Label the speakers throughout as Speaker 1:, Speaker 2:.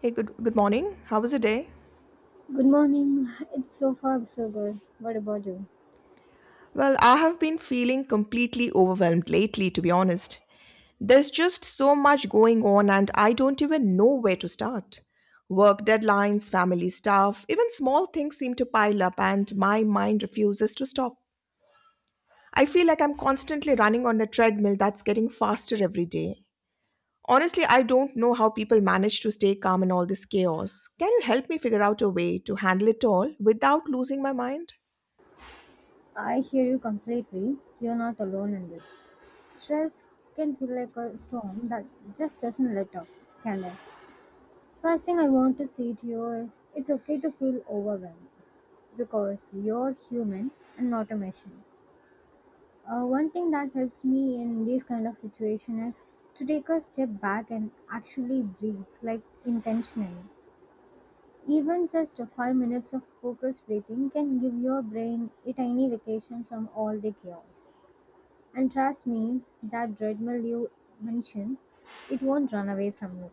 Speaker 1: Hey, good morning. How was the day?
Speaker 2: Good morning. It's so far so good. What about you?
Speaker 1: Well, I have been feeling completely overwhelmed lately, to be honest. There's just so much going on and I don't even know where to start. Work deadlines, family stuff, even small things seem to pile up and my mind refuses to stop. I feel like I'm constantly running on a treadmill that's getting faster every day. Honestly, I don't know how people manage to stay calm in all this chaos. Can you help me figure out a way to handle it all without losing my mind?
Speaker 2: I hear you completely. You're not alone in this. Stress can feel like a storm that just doesn't let up, can it? First thing I want to say to you is it's okay to feel overwhelmed because you're human and not a machine. One thing that helps me in these kind of situation is to take a step back and actually breathe, like intentionally. Even just 5 minutes of focused breathing can give your brain a tiny vacation from all the chaos. And trust me, that treadmill you mentioned, it won't run away from you.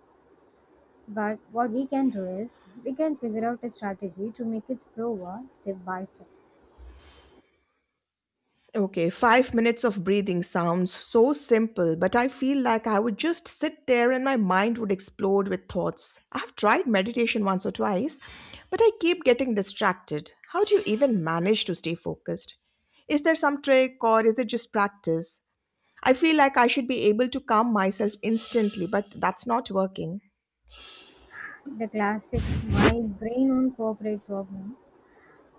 Speaker 2: But what we can do is, we can figure out a strategy to make it slower step by step.
Speaker 1: Okay, 5 minutes of breathing sounds so simple, but I feel like I would just sit there and my mind would explode with thoughts. I've tried meditation once or twice, but I keep getting distracted. How do you even manage to stay focused? Is there some trick or is it just practice? I feel like I should be able to calm myself instantly, but that's not working.
Speaker 2: The classic my brain won't cooperate problem.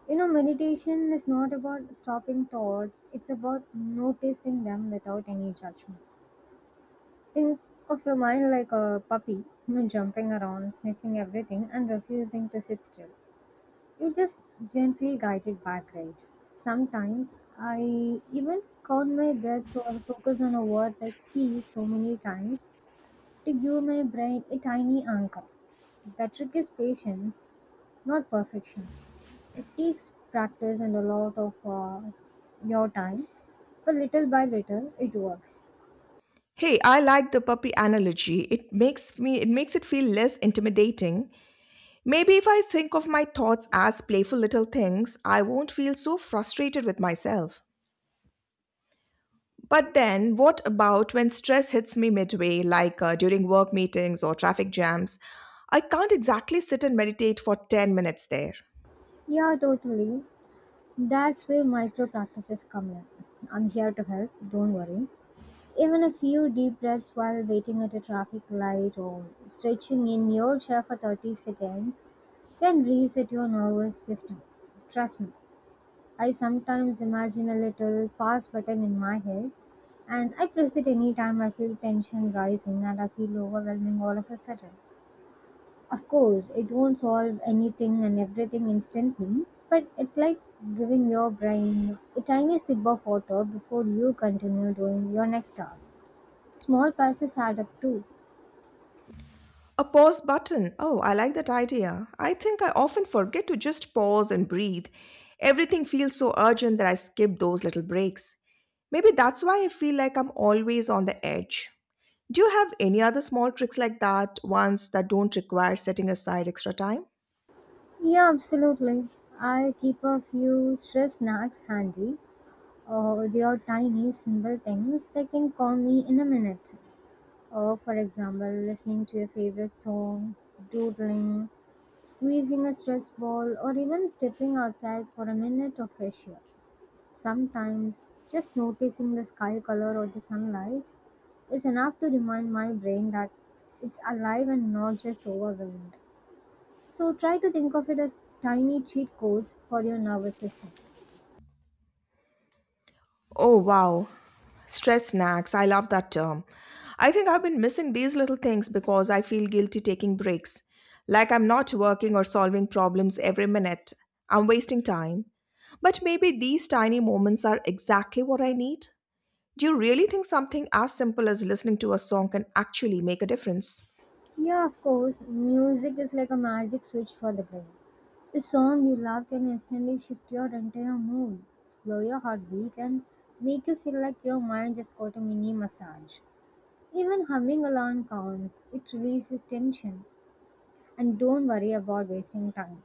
Speaker 2: You know, meditation is not about stopping thoughts, it's about noticing them without any judgment. Think of your mind like a puppy, jumping around, sniffing everything, and refusing to sit still. You just gently guide it back, right? Sometimes I even count my breaths or focus on a word like peace so many times to give my brain a tiny anchor. The trick is patience, not perfection. It takes practice and a lot of your time, but little by little it works.
Speaker 1: Hey, I like the puppy analogy. It makes me it makes it feel less intimidating. Maybe if I think of my thoughts as playful little things, I won't feel so frustrated with myself. But then, what about when stress hits me midway, like during work meetings or traffic jams? I can't exactly sit and meditate for 10 minutes there.
Speaker 2: Yeah, totally. That's where micro practices come in. I'm here to help, don't worry. Even a few deep breaths while waiting at a traffic light or stretching in your chair for 30 seconds can reset your nervous system. Trust me, I sometimes imagine a little pause button in my head and I press it anytime I feel tension rising and I feel overwhelming all of a sudden. Of course, it won't solve anything and everything instantly, but it's like giving your brain a tiny sip of water before you continue doing your next task. Small passes add up too.
Speaker 1: A pause button. Oh, I like that idea. I think I often forget to just pause and breathe. Everything feels so urgent that I skip those little breaks. Maybe that's why I feel like I'm always on the edge. Do you have any other small tricks like that, ones that don't require setting aside extra time?
Speaker 2: Yeah, absolutely. I keep a few stress snacks handy. They are tiny, simple things that can calm me in a minute. For example, listening to your favorite song, doodling, squeezing a stress ball, or even stepping outside for a minute of fresh air. Sometimes just noticing the sky color or the sunlight is enough to remind my brain that it's alive and not just overwhelmed. So try to think of it as tiny cheat codes for your nervous system.
Speaker 1: Oh, wow. Stress snacks. I love that term. I think I've been missing these little things because I feel guilty taking breaks. Like I'm not working or solving problems every minute. I'm wasting time. But maybe these tiny moments are exactly what I need. Do you really think something as simple as listening to a song can actually make a difference?
Speaker 2: Yeah, of course, music is like a magic switch for the brain. A song you love can instantly shift your entire mood, slow your heartbeat, and make you feel like your mind just got a mini massage. Even humming along counts, it releases tension. And don't worry about wasting time.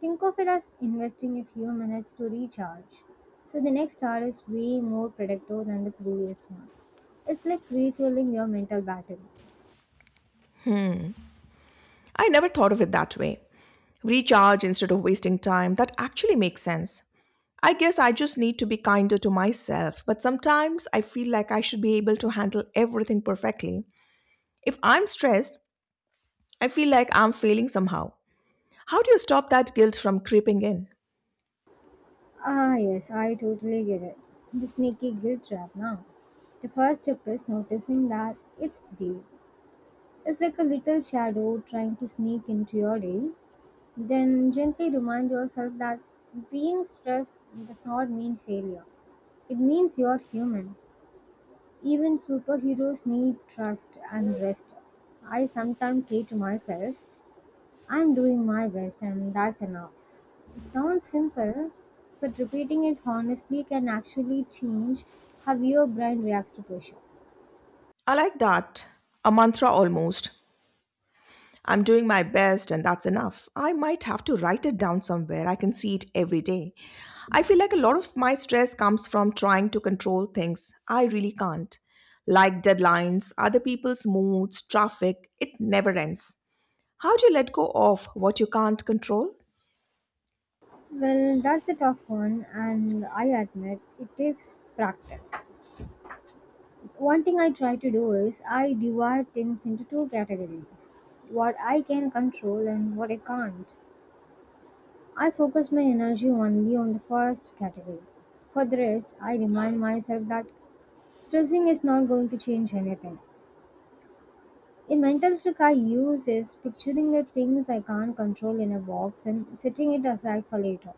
Speaker 2: Think of it as investing a few minutes to recharge. So the next hour is way more productive than the previous one. It's like refueling your mental battery.
Speaker 1: I never thought of it that way. Recharge instead of wasting time. That actually makes sense. I guess I just need to be kinder to myself, but sometimes I feel like I should be able to handle everything perfectly. If I'm stressed, I feel like I'm failing somehow. How do you stop that guilt from creeping in?
Speaker 2: Ah, yes, I totally get it. The sneaky guilt trap now. The first step is noticing that it's there. It's like a little shadow trying to sneak into your day. Then gently remind yourself that being stressed does not mean failure. It means you're human. Even superheroes need trust and rest. I sometimes say to myself, I'm doing my best and that's enough. It sounds simple, but repeating it honestly can actually change how your brain reacts to pressure.
Speaker 1: I like that. A mantra almost. I'm doing my best, and that's enough. I might have to write it down somewhere. I can see it every day. I feel like a lot of my stress comes from trying to control things I really can't, like deadlines, other people's moods, traffic. It never ends. How do you let go of what you can't control?
Speaker 2: Well, that's a tough one, and I admit it takes practice. One thing I try to do is I divide things into two categories: what I can control and what I can't. I focus my energy only on the first category. For the rest, I remind myself that stressing is not going to change anything. A mental trick I use is picturing the things I can't control in a box and setting it aside for later.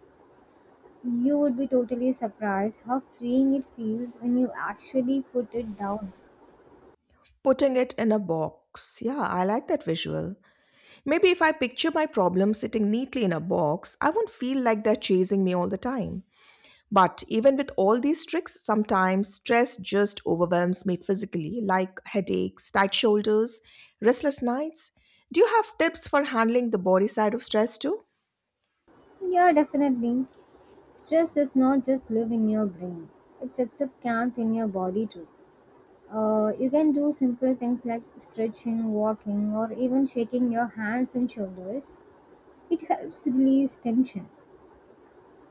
Speaker 2: You would be totally surprised how freeing it feels when you actually put it down.
Speaker 1: Putting it in a box. Yeah, I like that visual. Maybe if I picture my problems sitting neatly in a box, I won't feel like they're chasing me all the time. But even with all these tricks, sometimes stress just overwhelms me physically, like headaches, tight shoulders, restless nights. Do you have tips for handling the body side of stress too?
Speaker 2: Yeah, definitely. Stress does not just live in your brain, it sets up camp in your body too. You can do simple things like stretching, walking, or even shaking your hands and shoulders. It helps release tension.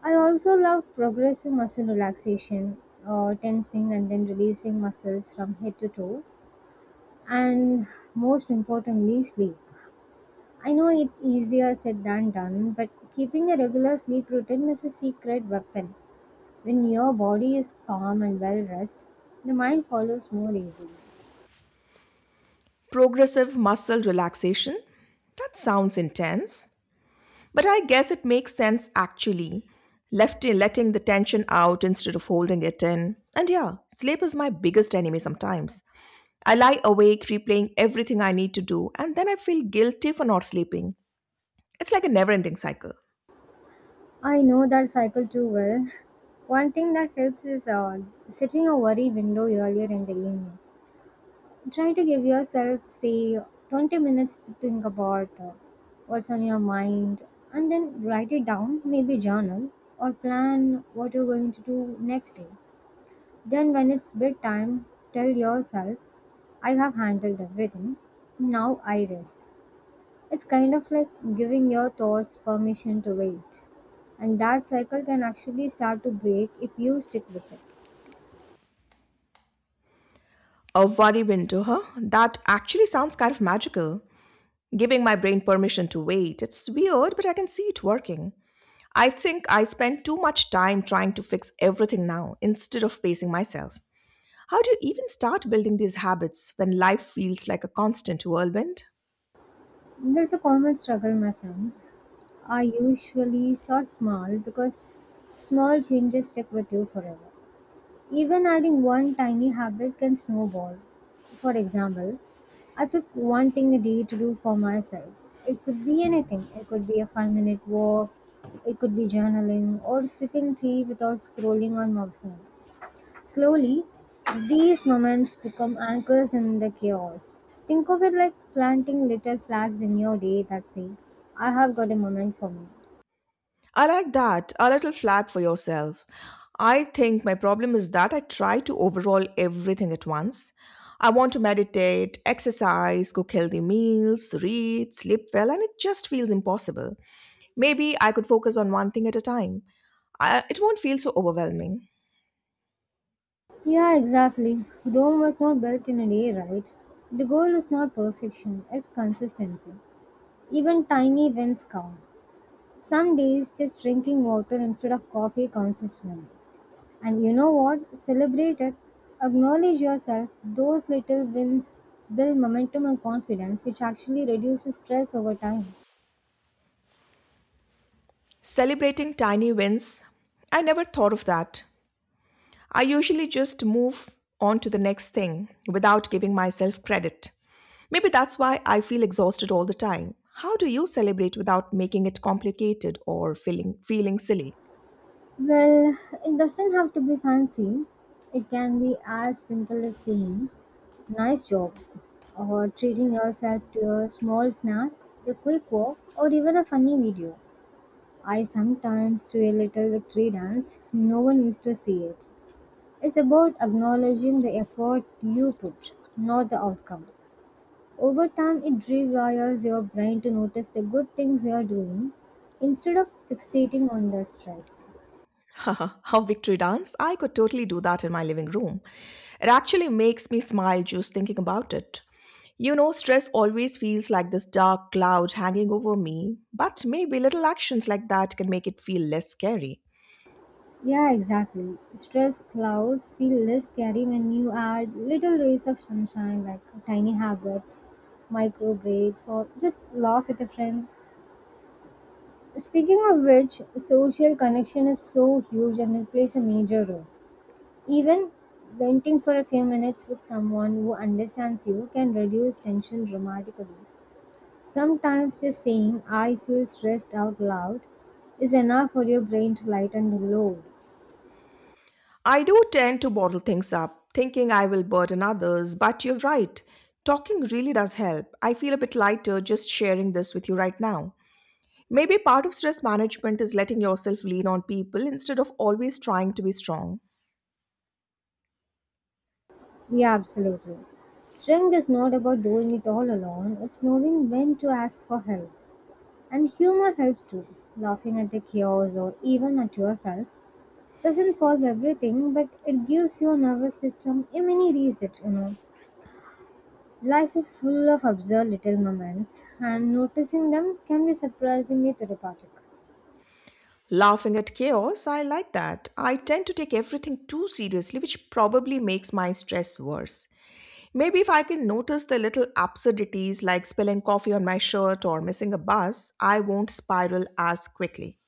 Speaker 2: I also love progressive muscle relaxation, tensing and then releasing muscles from head to toe, and most importantly, sleep. I know it's easier said than done, but keeping a regular sleep routine is a secret weapon. When your body is calm and well rested, the mind follows more easily.
Speaker 1: Progressive muscle relaxation? That sounds intense. But I guess it makes sense actually. Left letting the tension out instead of holding it in. And yeah, sleep is my biggest enemy sometimes. I lie awake replaying everything I need to do and then I feel guilty for not sleeping. It's like a never ending cycle.
Speaker 2: I know that cycle too well. One thing that helps is setting a worry window earlier in the evening. Try to give yourself, say, 20 minutes to think about what's on your mind and then write it down, maybe journal, or plan what you're going to do next day. Then, when it's bedtime, tell yourself, I have handled everything. Now I rest. It's kind of like giving your thoughts permission to wait. And that cycle can actually start to break if you stick with it.
Speaker 1: A worry win to that actually sounds kind of magical. Giving my brain permission to wait. It's weird, but I can see it working. I think I spend too much time trying to fix everything now instead of pacing myself. How do you even start building these habits when life feels like a constant whirlwind?
Speaker 2: There's a common struggle, my friend. I usually start small because small changes stick with you forever. Even adding one tiny habit can snowball. For example, I pick one thing a day to do for myself. It could be anything. It could be a 5 minute walk, it could be journaling, or sipping tea without scrolling on my phone. Slowly, these moments become anchors in the chaos. Think of it like planting little flags in your day that say, I have got a moment for me.
Speaker 1: I like that. A little flat for yourself. I think my problem is that I try to overhaul everything at once. I want to meditate, exercise, cook healthy meals, read, sleep well, and it just feels impossible. Maybe I could focus on one thing at a time. I, it won't feel so overwhelming.
Speaker 2: Yeah, exactly. Rome was not built in a day, right? The goal is not perfection, it's consistency. Even tiny wins count. Some days, just drinking water instead of coffee counts as one. And you know what? Celebrate it. Acknowledge yourself. Those little wins build momentum and confidence, which actually reduces stress over time.
Speaker 1: Celebrating tiny wins. I never thought of that. I usually just move on to the next thing without giving myself credit. Maybe that's why I feel exhausted all the time. How do you celebrate without making it complicated or feeling silly?
Speaker 2: Well, it doesn't have to be fancy. It can be as simple as saying, nice job, or treating yourself to a small snack, a quick walk, or even a funny video. I sometimes do a little victory dance. No one needs to see it. It's about acknowledging the effort you put, not the outcome. Over time, it rewires your brain to notice the good things you're doing instead of fixating on the stress.
Speaker 1: How victory dance? I could totally do that in my living room. It actually makes me smile just thinking about it. You know, stress always feels like this dark cloud hanging over me, but maybe little actions like that can make it feel less scary.
Speaker 2: Yeah, exactly. Stress clouds feel less scary when you add little rays of sunshine like tiny habits, micro breaks, or just laugh with a friend. Speaking of which, social connection is so huge and it plays a major role. Even venting for a few minutes with someone who understands you can reduce tension dramatically. Sometimes just saying, I feel stressed out loud, is enough for your brain to lighten the load.
Speaker 1: I do tend to bottle things up, thinking I will burden others, but you're right. Talking really does help. I feel a bit lighter just sharing this with you right now. Maybe part of stress management is letting yourself lean on people instead of always trying to be strong.
Speaker 2: Yeah, absolutely. Strength is not about doing it all alone, it's knowing when to ask for help. And humor helps too. Laughing at the chaos or even at yourself doesn't solve everything, but it gives your nervous system a mini reset, you know. Life is full of absurd little moments, and noticing them can be surprisingly therapeutic.
Speaker 1: Laughing at chaos, I like that. I tend to take everything too seriously, which probably makes my stress worse. Maybe if I can notice the little absurdities like spilling coffee on my shirt or missing a bus, I won't spiral as quickly.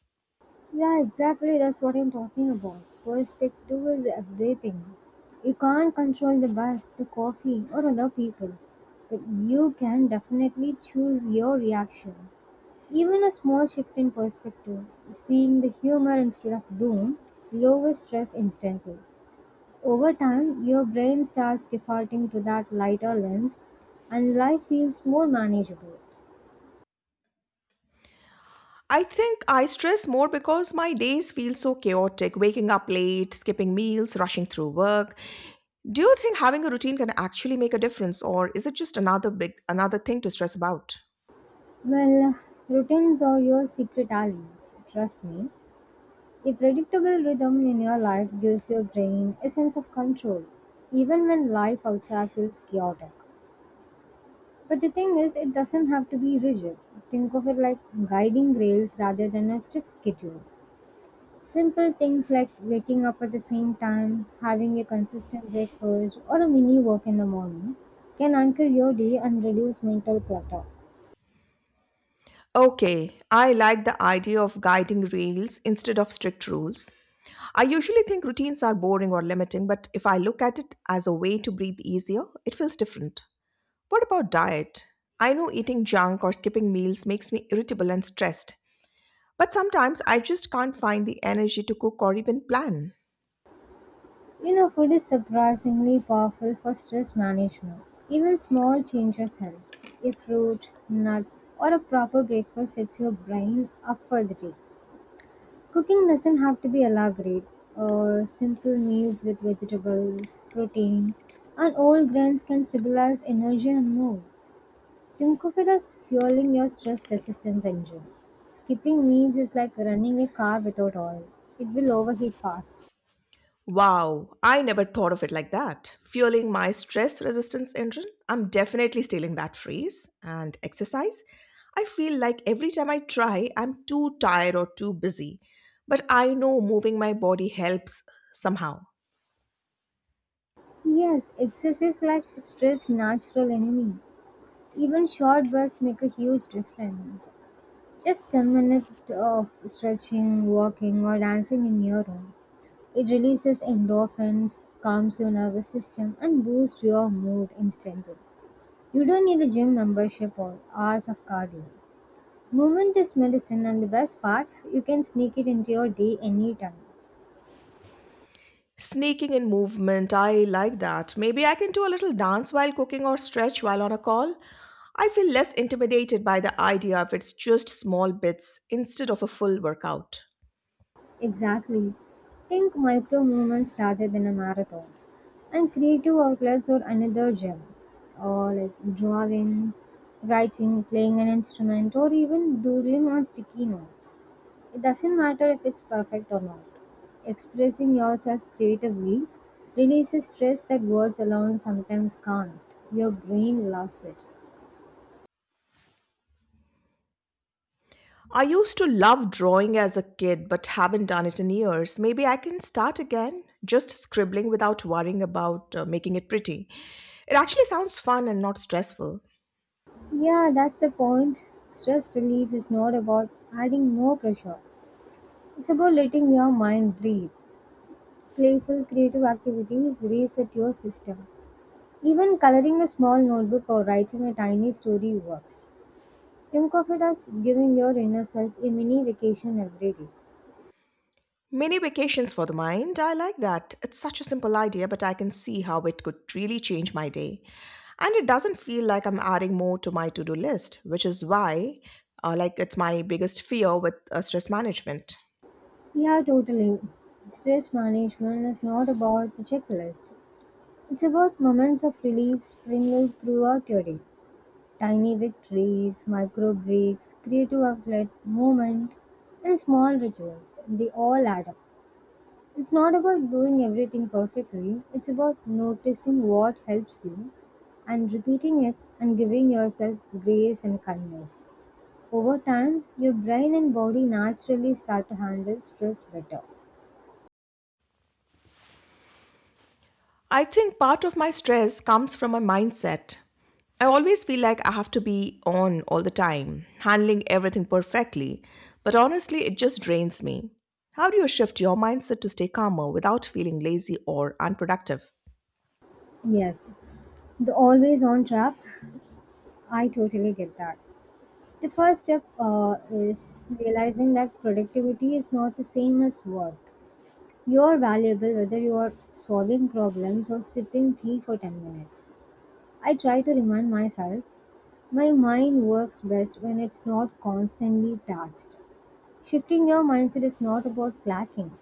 Speaker 2: Yeah, exactly. That's what I'm talking about. Perspective is everything. You can't control the bus, the coffee, or other people, but you can definitely choose your reaction. Even a small shift in perspective, seeing the humor instead of doom, lowers stress instantly. Over time, your brain starts defaulting to that lighter lens, and life feels more manageable.
Speaker 1: I think I stress more because my days feel so chaotic, waking up late, skipping meals, rushing through work. Do you think having a routine can actually make a difference or is it just another big another thing to stress about?
Speaker 2: Well, routines are your secret allies, trust me. A predictable rhythm in your life gives your brain a sense of control, even when life outside feels chaotic. But the thing is, it doesn't have to be rigid. Think of it like guiding rails rather than a strict schedule. Simple things like waking up at the same time, having a consistent breakfast, or a mini walk in the morning can anchor your day and reduce mental clutter.
Speaker 1: Okay, I like the idea of guiding rails instead of strict rules. I usually think routines are boring or limiting, but if I look at it as a way to breathe easier, it feels different. What about diet? I know eating junk or skipping meals makes me irritable and stressed. But sometimes I just can't find the energy to cook or even plan.
Speaker 2: You know, food is surprisingly powerful for stress management. Even small changes help. A fruit, nuts, or a proper breakfast sets your brain up for the day. Cooking doesn't have to be elaborate. Simple meals with vegetables, protein, and whole grains can stabilize energy and mood. Think of it as fueling your stress resistance engine. Skipping meals is like running a car without oil. It will overheat fast.
Speaker 1: Wow, I never thought of it like that. Fueling my stress resistance engine? I'm definitely stealing that phrase. And exercise? I feel like every time I try, I'm too tired or too busy. But I know moving my body helps somehow.
Speaker 2: Yes, excesses like stress natural enemy. Even short bursts make a huge difference. Just 10 minutes of stretching, walking or dancing in your room. It releases endorphins, calms your nervous system and boosts your mood instantly. You don't need a gym membership or hours of cardio. Movement is medicine and the best part, you can sneak it into your day anytime.
Speaker 1: Sneaking in movement, I like that. Maybe I can do a little dance while cooking or stretch while on a call. I feel less intimidated by the idea if it's just small bits instead of a full workout.
Speaker 2: Exactly. Think micro movements rather than a marathon. And creative outlets are another gem. Or like drawing, writing, playing an instrument, or even doodling on sticky notes. It doesn't matter if it's perfect or not. Expressing yourself creatively releases stress that words alone sometimes can't. Your brain loves it.
Speaker 1: I used to love drawing as a kid but haven't done it in years. Maybe I can start again, just scribbling without worrying about making it pretty. It actually sounds fun and not stressful.
Speaker 2: Yeah, that's the point. Stress relief is not about adding more pressure. It's about letting your mind breathe. Playful creative activities reset your system. Even coloring a small notebook or writing a tiny story works. Think of it as giving your inner self a mini vacation every day.
Speaker 1: Mini vacations for the mind. I like that. It's such a simple idea, but I can see how it could really change my day. And it doesn't feel like I'm adding more to my to do list, which is why, like, it's my biggest fear with stress management.
Speaker 2: Yeah, totally. Stress management is not about a checklist. It's about moments of relief sprinkled throughout your day. Tiny victories, micro breaks, creative outlet, movement, and small rituals. They all add up. It's not about doing everything perfectly, it's about noticing what helps you and repeating it and giving yourself grace and kindness. Over time, your brain and body naturally start to handle stress better.
Speaker 1: I think part of my stress comes from my mindset. I always feel like I have to be on all the time, handling everything perfectly, but honestly, it just drains me. How do you shift your mindset to stay calmer without feeling lazy or unproductive?
Speaker 2: Yes, the always on trap, I totally get that. The first step is realizing that productivity is not the same as work. You are valuable whether you are solving problems or sipping tea for 10 minutes. I try to remind myself my mind works best when it's not constantly taxed. Shifting your mindset is not about slacking,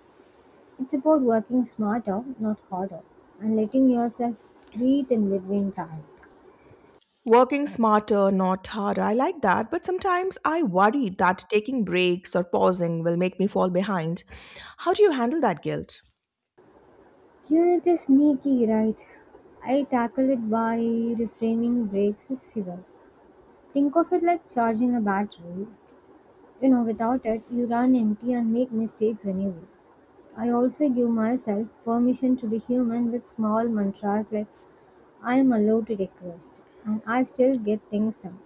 Speaker 2: it's about working smarter, not harder, and letting yourself breathe in between tasks.
Speaker 1: Working smarter, not harder. I like that, but sometimes I worry that taking breaks or pausing will make me fall behind. How do you handle that guilt?
Speaker 2: Guilt is sneaky, right? I tackle it by reframing breaks as fuel. Think of it like charging a battery. You know without it you run empty and make mistakes anyway. I also give myself permission to be human with small mantras like I am allowed to request and I still get things done.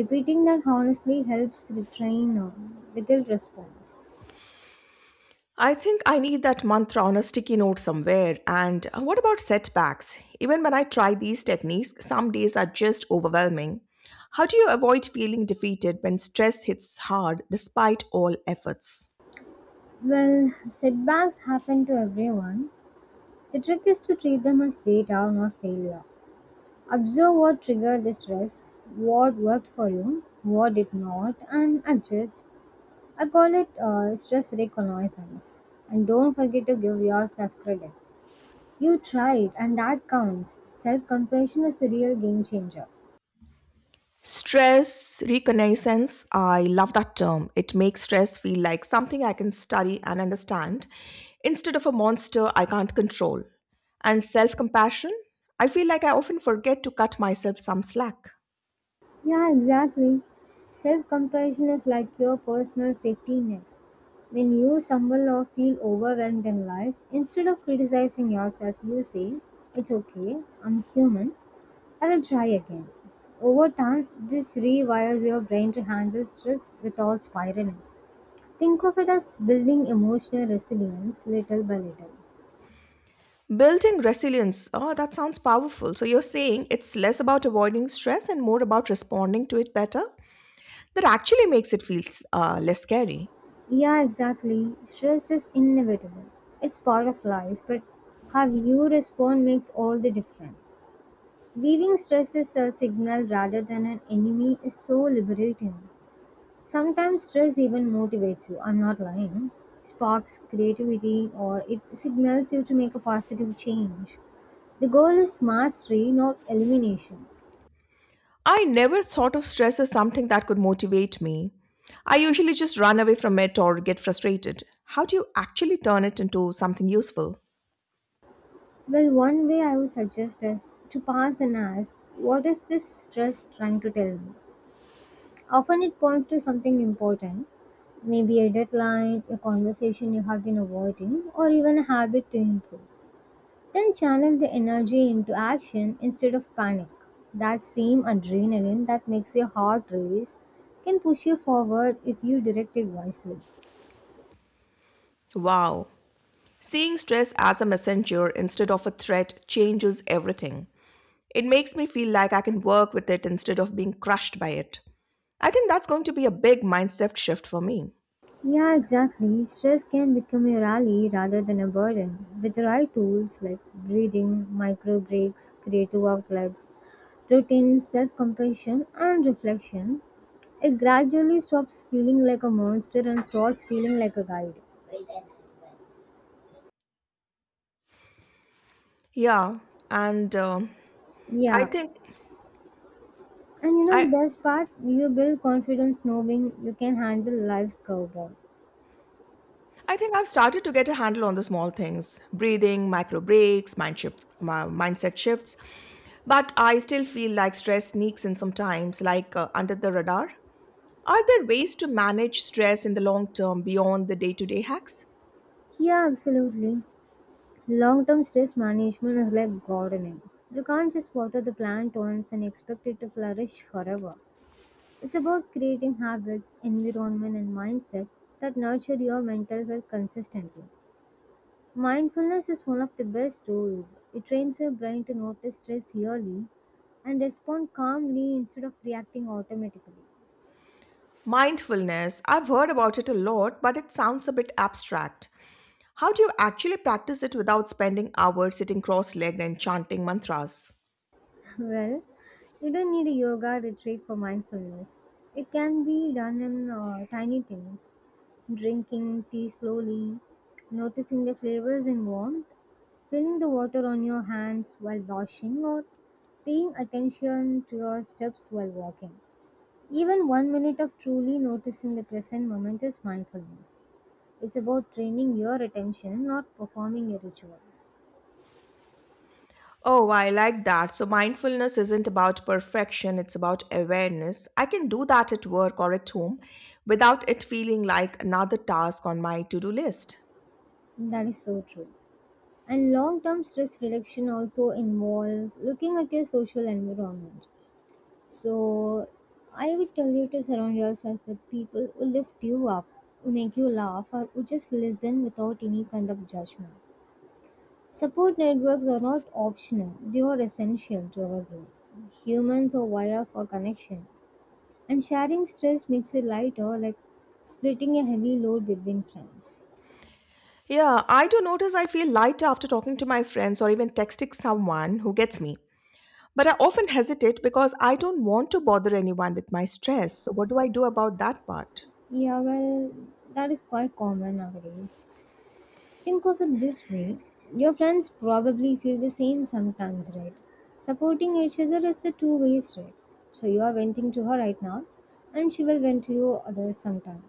Speaker 2: Repeating that honestly helps retrain the guilt response.
Speaker 1: I think I need that mantra on a sticky note somewhere. And what about setbacks? Even when I try these techniques, some days are just overwhelming. How do you avoid feeling defeated when stress hits hard despite all efforts?
Speaker 2: Well, setbacks happen to everyone. The trick is to treat them as data, not failure. Observe what triggered the stress, what worked for you, what did not, and adjust. I call it stress reconnaissance. And don't forget to give yourself credit. You tried, and that counts. Self compassion is the real game changer.
Speaker 1: Stress reconnaissance, I love that term. It makes stress feel like something I can study and understand instead of a monster I can't control. And self compassion, I feel like I often forget to cut myself some slack.
Speaker 2: Yeah, exactly. Self compassion is like your personal safety net. When you stumble or feel overwhelmed in life, instead of criticizing yourself, you say, "It's okay, I'm human, I will try again." Over time, this rewires your brain to handle stress without spiraling. Think of it as building emotional resilience little by little.
Speaker 1: Building resilience, oh, that sounds powerful. So you're saying it's less about avoiding stress and more about responding to it better? That actually makes it feel less scary.
Speaker 2: Yeah, exactly. Stress is inevitable. It's part of life, but how you respond makes all the difference. Viewing stress as a signal rather than an enemy is so liberating. Sometimes stress even motivates you, I'm not lying, sparks creativity, or it signals you to make a positive change. The goal is mastery, not elimination.
Speaker 1: I never thought of stress as something that could motivate me. I usually just run away from it or get frustrated. How do you actually turn it into something useful?
Speaker 2: Well, one way I would suggest is to pause and ask, "What is this stress trying to tell me?" Often it points to something important, maybe a deadline, a conversation you have been avoiding, or even a habit to improve. Then channel the energy into action instead of panic. That same adrenaline that makes your heart race can push you forward if you direct it wisely.
Speaker 1: Wow. Seeing stress as a messenger instead of a threat changes everything. It makes me feel like I can work with it instead of being crushed by it. I think that's going to be a big mindset shift for me.
Speaker 2: Yeah, exactly. Stress can become your ally rather than a burden. With the right tools like breathing, micro breaks, creative outlets, routine self compassion, and reflection, it gradually stops feeling like a monster and starts feeling like a guide.
Speaker 1: Yeah, and I
Speaker 2: Yeah,
Speaker 1: think
Speaker 2: and you know
Speaker 1: I,
Speaker 2: the best part? You build confidence knowing you can handle life's curveball.
Speaker 1: I think I've started to get a handle on the small things breathing, micro breaks, mind shift, mindset shifts. But I still feel like stress sneaks in sometimes, like under the radar. Are there ways to manage stress in the long term beyond the day to day hacks?
Speaker 2: Yeah, absolutely. Long term stress management is like gardening. You can't just water the plant once and expect it to flourish forever. It's about creating habits, environment, and mindset that nurture your mental health consistently. Mindfulness is one of the best tools. It trains your brain to notice stress early and respond calmly instead of reacting automatically.
Speaker 1: Mindfulness, I've heard about it a lot, but it sounds a bit abstract. How do you actually practice it without spending hours sitting cross legged and chanting mantras?
Speaker 2: Well, you don't need a yoga retreat for mindfulness. It can be done in tiny things: drinking tea slowly, noticing the flavors and warmth, feeling the water on your hands while washing, or paying attention to your steps while walking. Even 1 minute of truly noticing the present moment is mindfulness. It's about training your attention, not performing a ritual.
Speaker 1: Oh, I like that. So, mindfulness isn't about perfection, it's about awareness. I can do that at work or at home without it feeling like another task on my to do list.
Speaker 2: That is so true. And long term stress reduction also involves looking at your social environment. So, I would tell you to surround yourself with people who lift you up, who make you laugh, or who just listen without any kind of judgment. Support networks are not optional, they are essential to our growth. Humans are wired for connection, and sharing stress makes it lighter, like splitting a heavy load between friends.
Speaker 1: Yeah, I do notice I feel lighter after talking to my friends or even texting someone who gets me. But I often hesitate because I don't want to bother anyone with my stress. So, what do I do about that part?
Speaker 2: Yeah, well, that is quite common nowadays. Think of it this way: your friends probably feel the same sometimes, right? Supporting each other is a two-way street. So you are venting to her right now, and she will vent to you other sometime.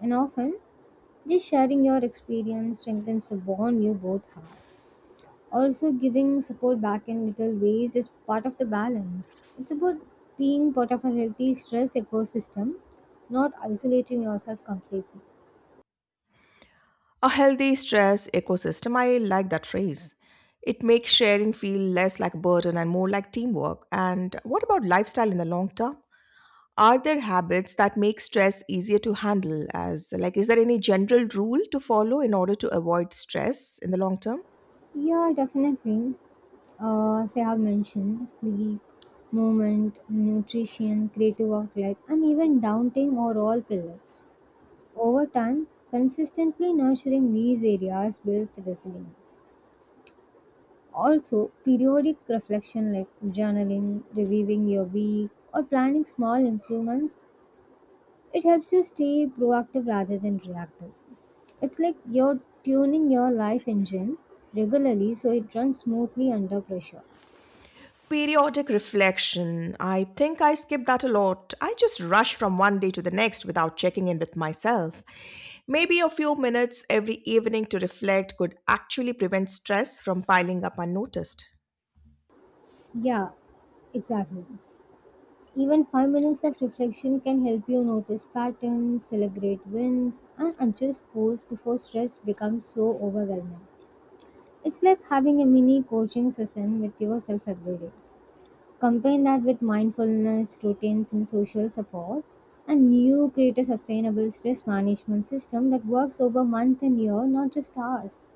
Speaker 2: And often, just sharing your experience strengthens the bond you both have. Also, giving support back in little ways is part of the balance. It's about being part of a healthy stress ecosystem, not isolating yourself completely.
Speaker 1: A healthy stress ecosystem, I like that phrase. It makes sharing feel less like a burden and more like teamwork. And what about lifestyle in the long term? Are there habits that make stress easier to handle as like is there any general rule to follow in order to avoid stress in the long term?
Speaker 2: Yeah, definitely. As I have mentioned, sleep, movement, nutrition, creative outlet, and even downtime are all pillars. Over time, consistently nurturing these areas builds resilience. Also, periodic reflection like journaling, reviewing your week, or planning small improvements, it helps you stay proactive rather than reactive. It's like you're tuning your life engine regularly so it runs smoothly under pressure.
Speaker 1: Periodic reflection. I think I skip that a lot. I just rush from one day to the next without checking in with myself. Maybe a few minutes every evening to reflect could actually prevent stress from piling up unnoticed.
Speaker 2: Yeah, exactly. Even 5 minutes of reflection can help you notice patterns, celebrate wins, and adjust goals before stress becomes so overwhelming. It's like having a mini coaching session with yourself every day. Combine that with mindfulness, routines, and social support, and you create a sustainable stress management system that works over month and year, not just hours.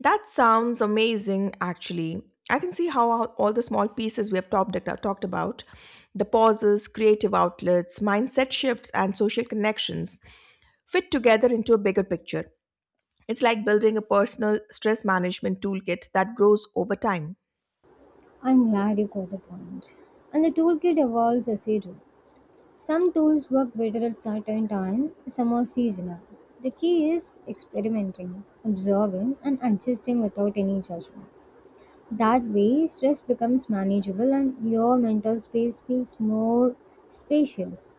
Speaker 1: That sounds amazing, actually. I can see how all the small pieces we have talked, talked about the pauses, creative outlets, mindset shifts, and social connections fit together into a bigger picture. It's like building a personal stress management toolkit that grows over time.
Speaker 2: I'm glad you got the point. And the toolkit evolves as you do. Some tools work better at certain times, some are seasonal. The key is experimenting, observing, and adjusting without any judgment. That way, stress becomes manageable and your mental space feels more spacious.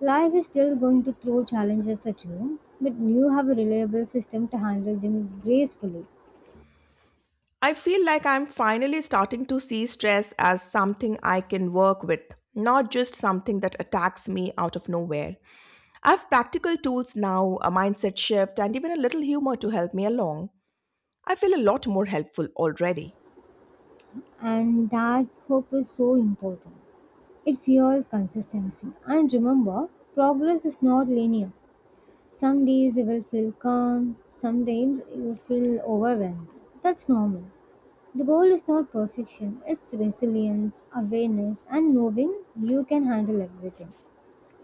Speaker 2: Life is still going to throw challenges at you, but you have a reliable system to handle them gracefully.
Speaker 1: I feel like I'm finally starting to see stress as something I can work with, not just something that attacks me out of nowhere. I have practical tools now, a mindset shift, and even a little humor to help me along. I feel a lot more helpful already.
Speaker 2: And that hope is so important. It fuels consistency. And remember, progress is not linear. Some days you will feel calm, some days you feel overwhelmed. That's normal. The goal is not perfection, it's resilience, awareness, and knowing you can handle everything.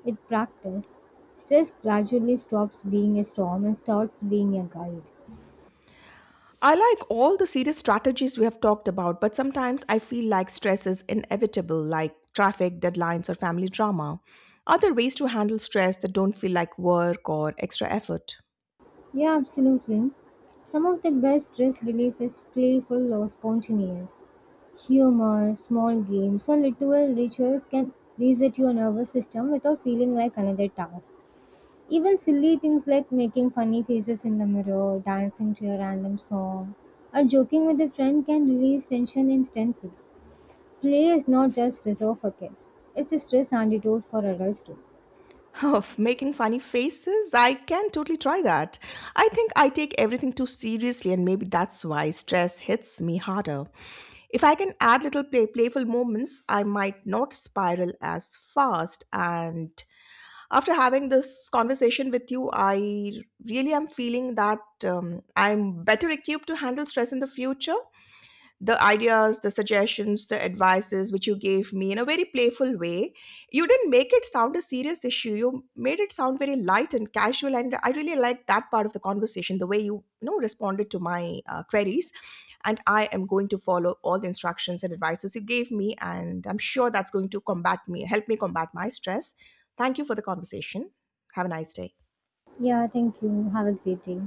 Speaker 2: With practice, stress gradually stops being a storm and starts being a guide.
Speaker 1: I like all the serious strategies we have talked about, but sometimes I feel like stress is inevitable, like traffic, deadlines, or family drama. Are there ways to handle stress that don't feel like work or extra effort?
Speaker 2: Yeah, absolutely. Some of the best stress relief is playful or spontaneous. Humor, small games, or little rituals can reset your nervous system without feeling like another task. Even silly things like making funny faces in the mirror, dancing to a random song, or joking with a friend can release tension instantly. Play is not just reserved for kids, it's a stress antidote for adults too.
Speaker 1: Of making funny faces? I can totally try that. I think I take everything too seriously, and maybe that's why stress hits me harder. If I can add little playful moments, I might not spiral as fast. And after having this conversation with you, I really am feeling that I'm better equipped to handle stress in the future. The ideas, the suggestions, the advices which you gave me in a very playful way, you didn't make it sound a serious issue. You made it sound very light and casual, and I really liked that part of the conversation, the way you, you know responded to my queries and I am going to follow all the instructions and advices you gave me. And I'm sure that's going to combat me, help me combat my stress. Thank you for the conversation. Have a nice day.
Speaker 2: Yeah, thank you. Have a great day.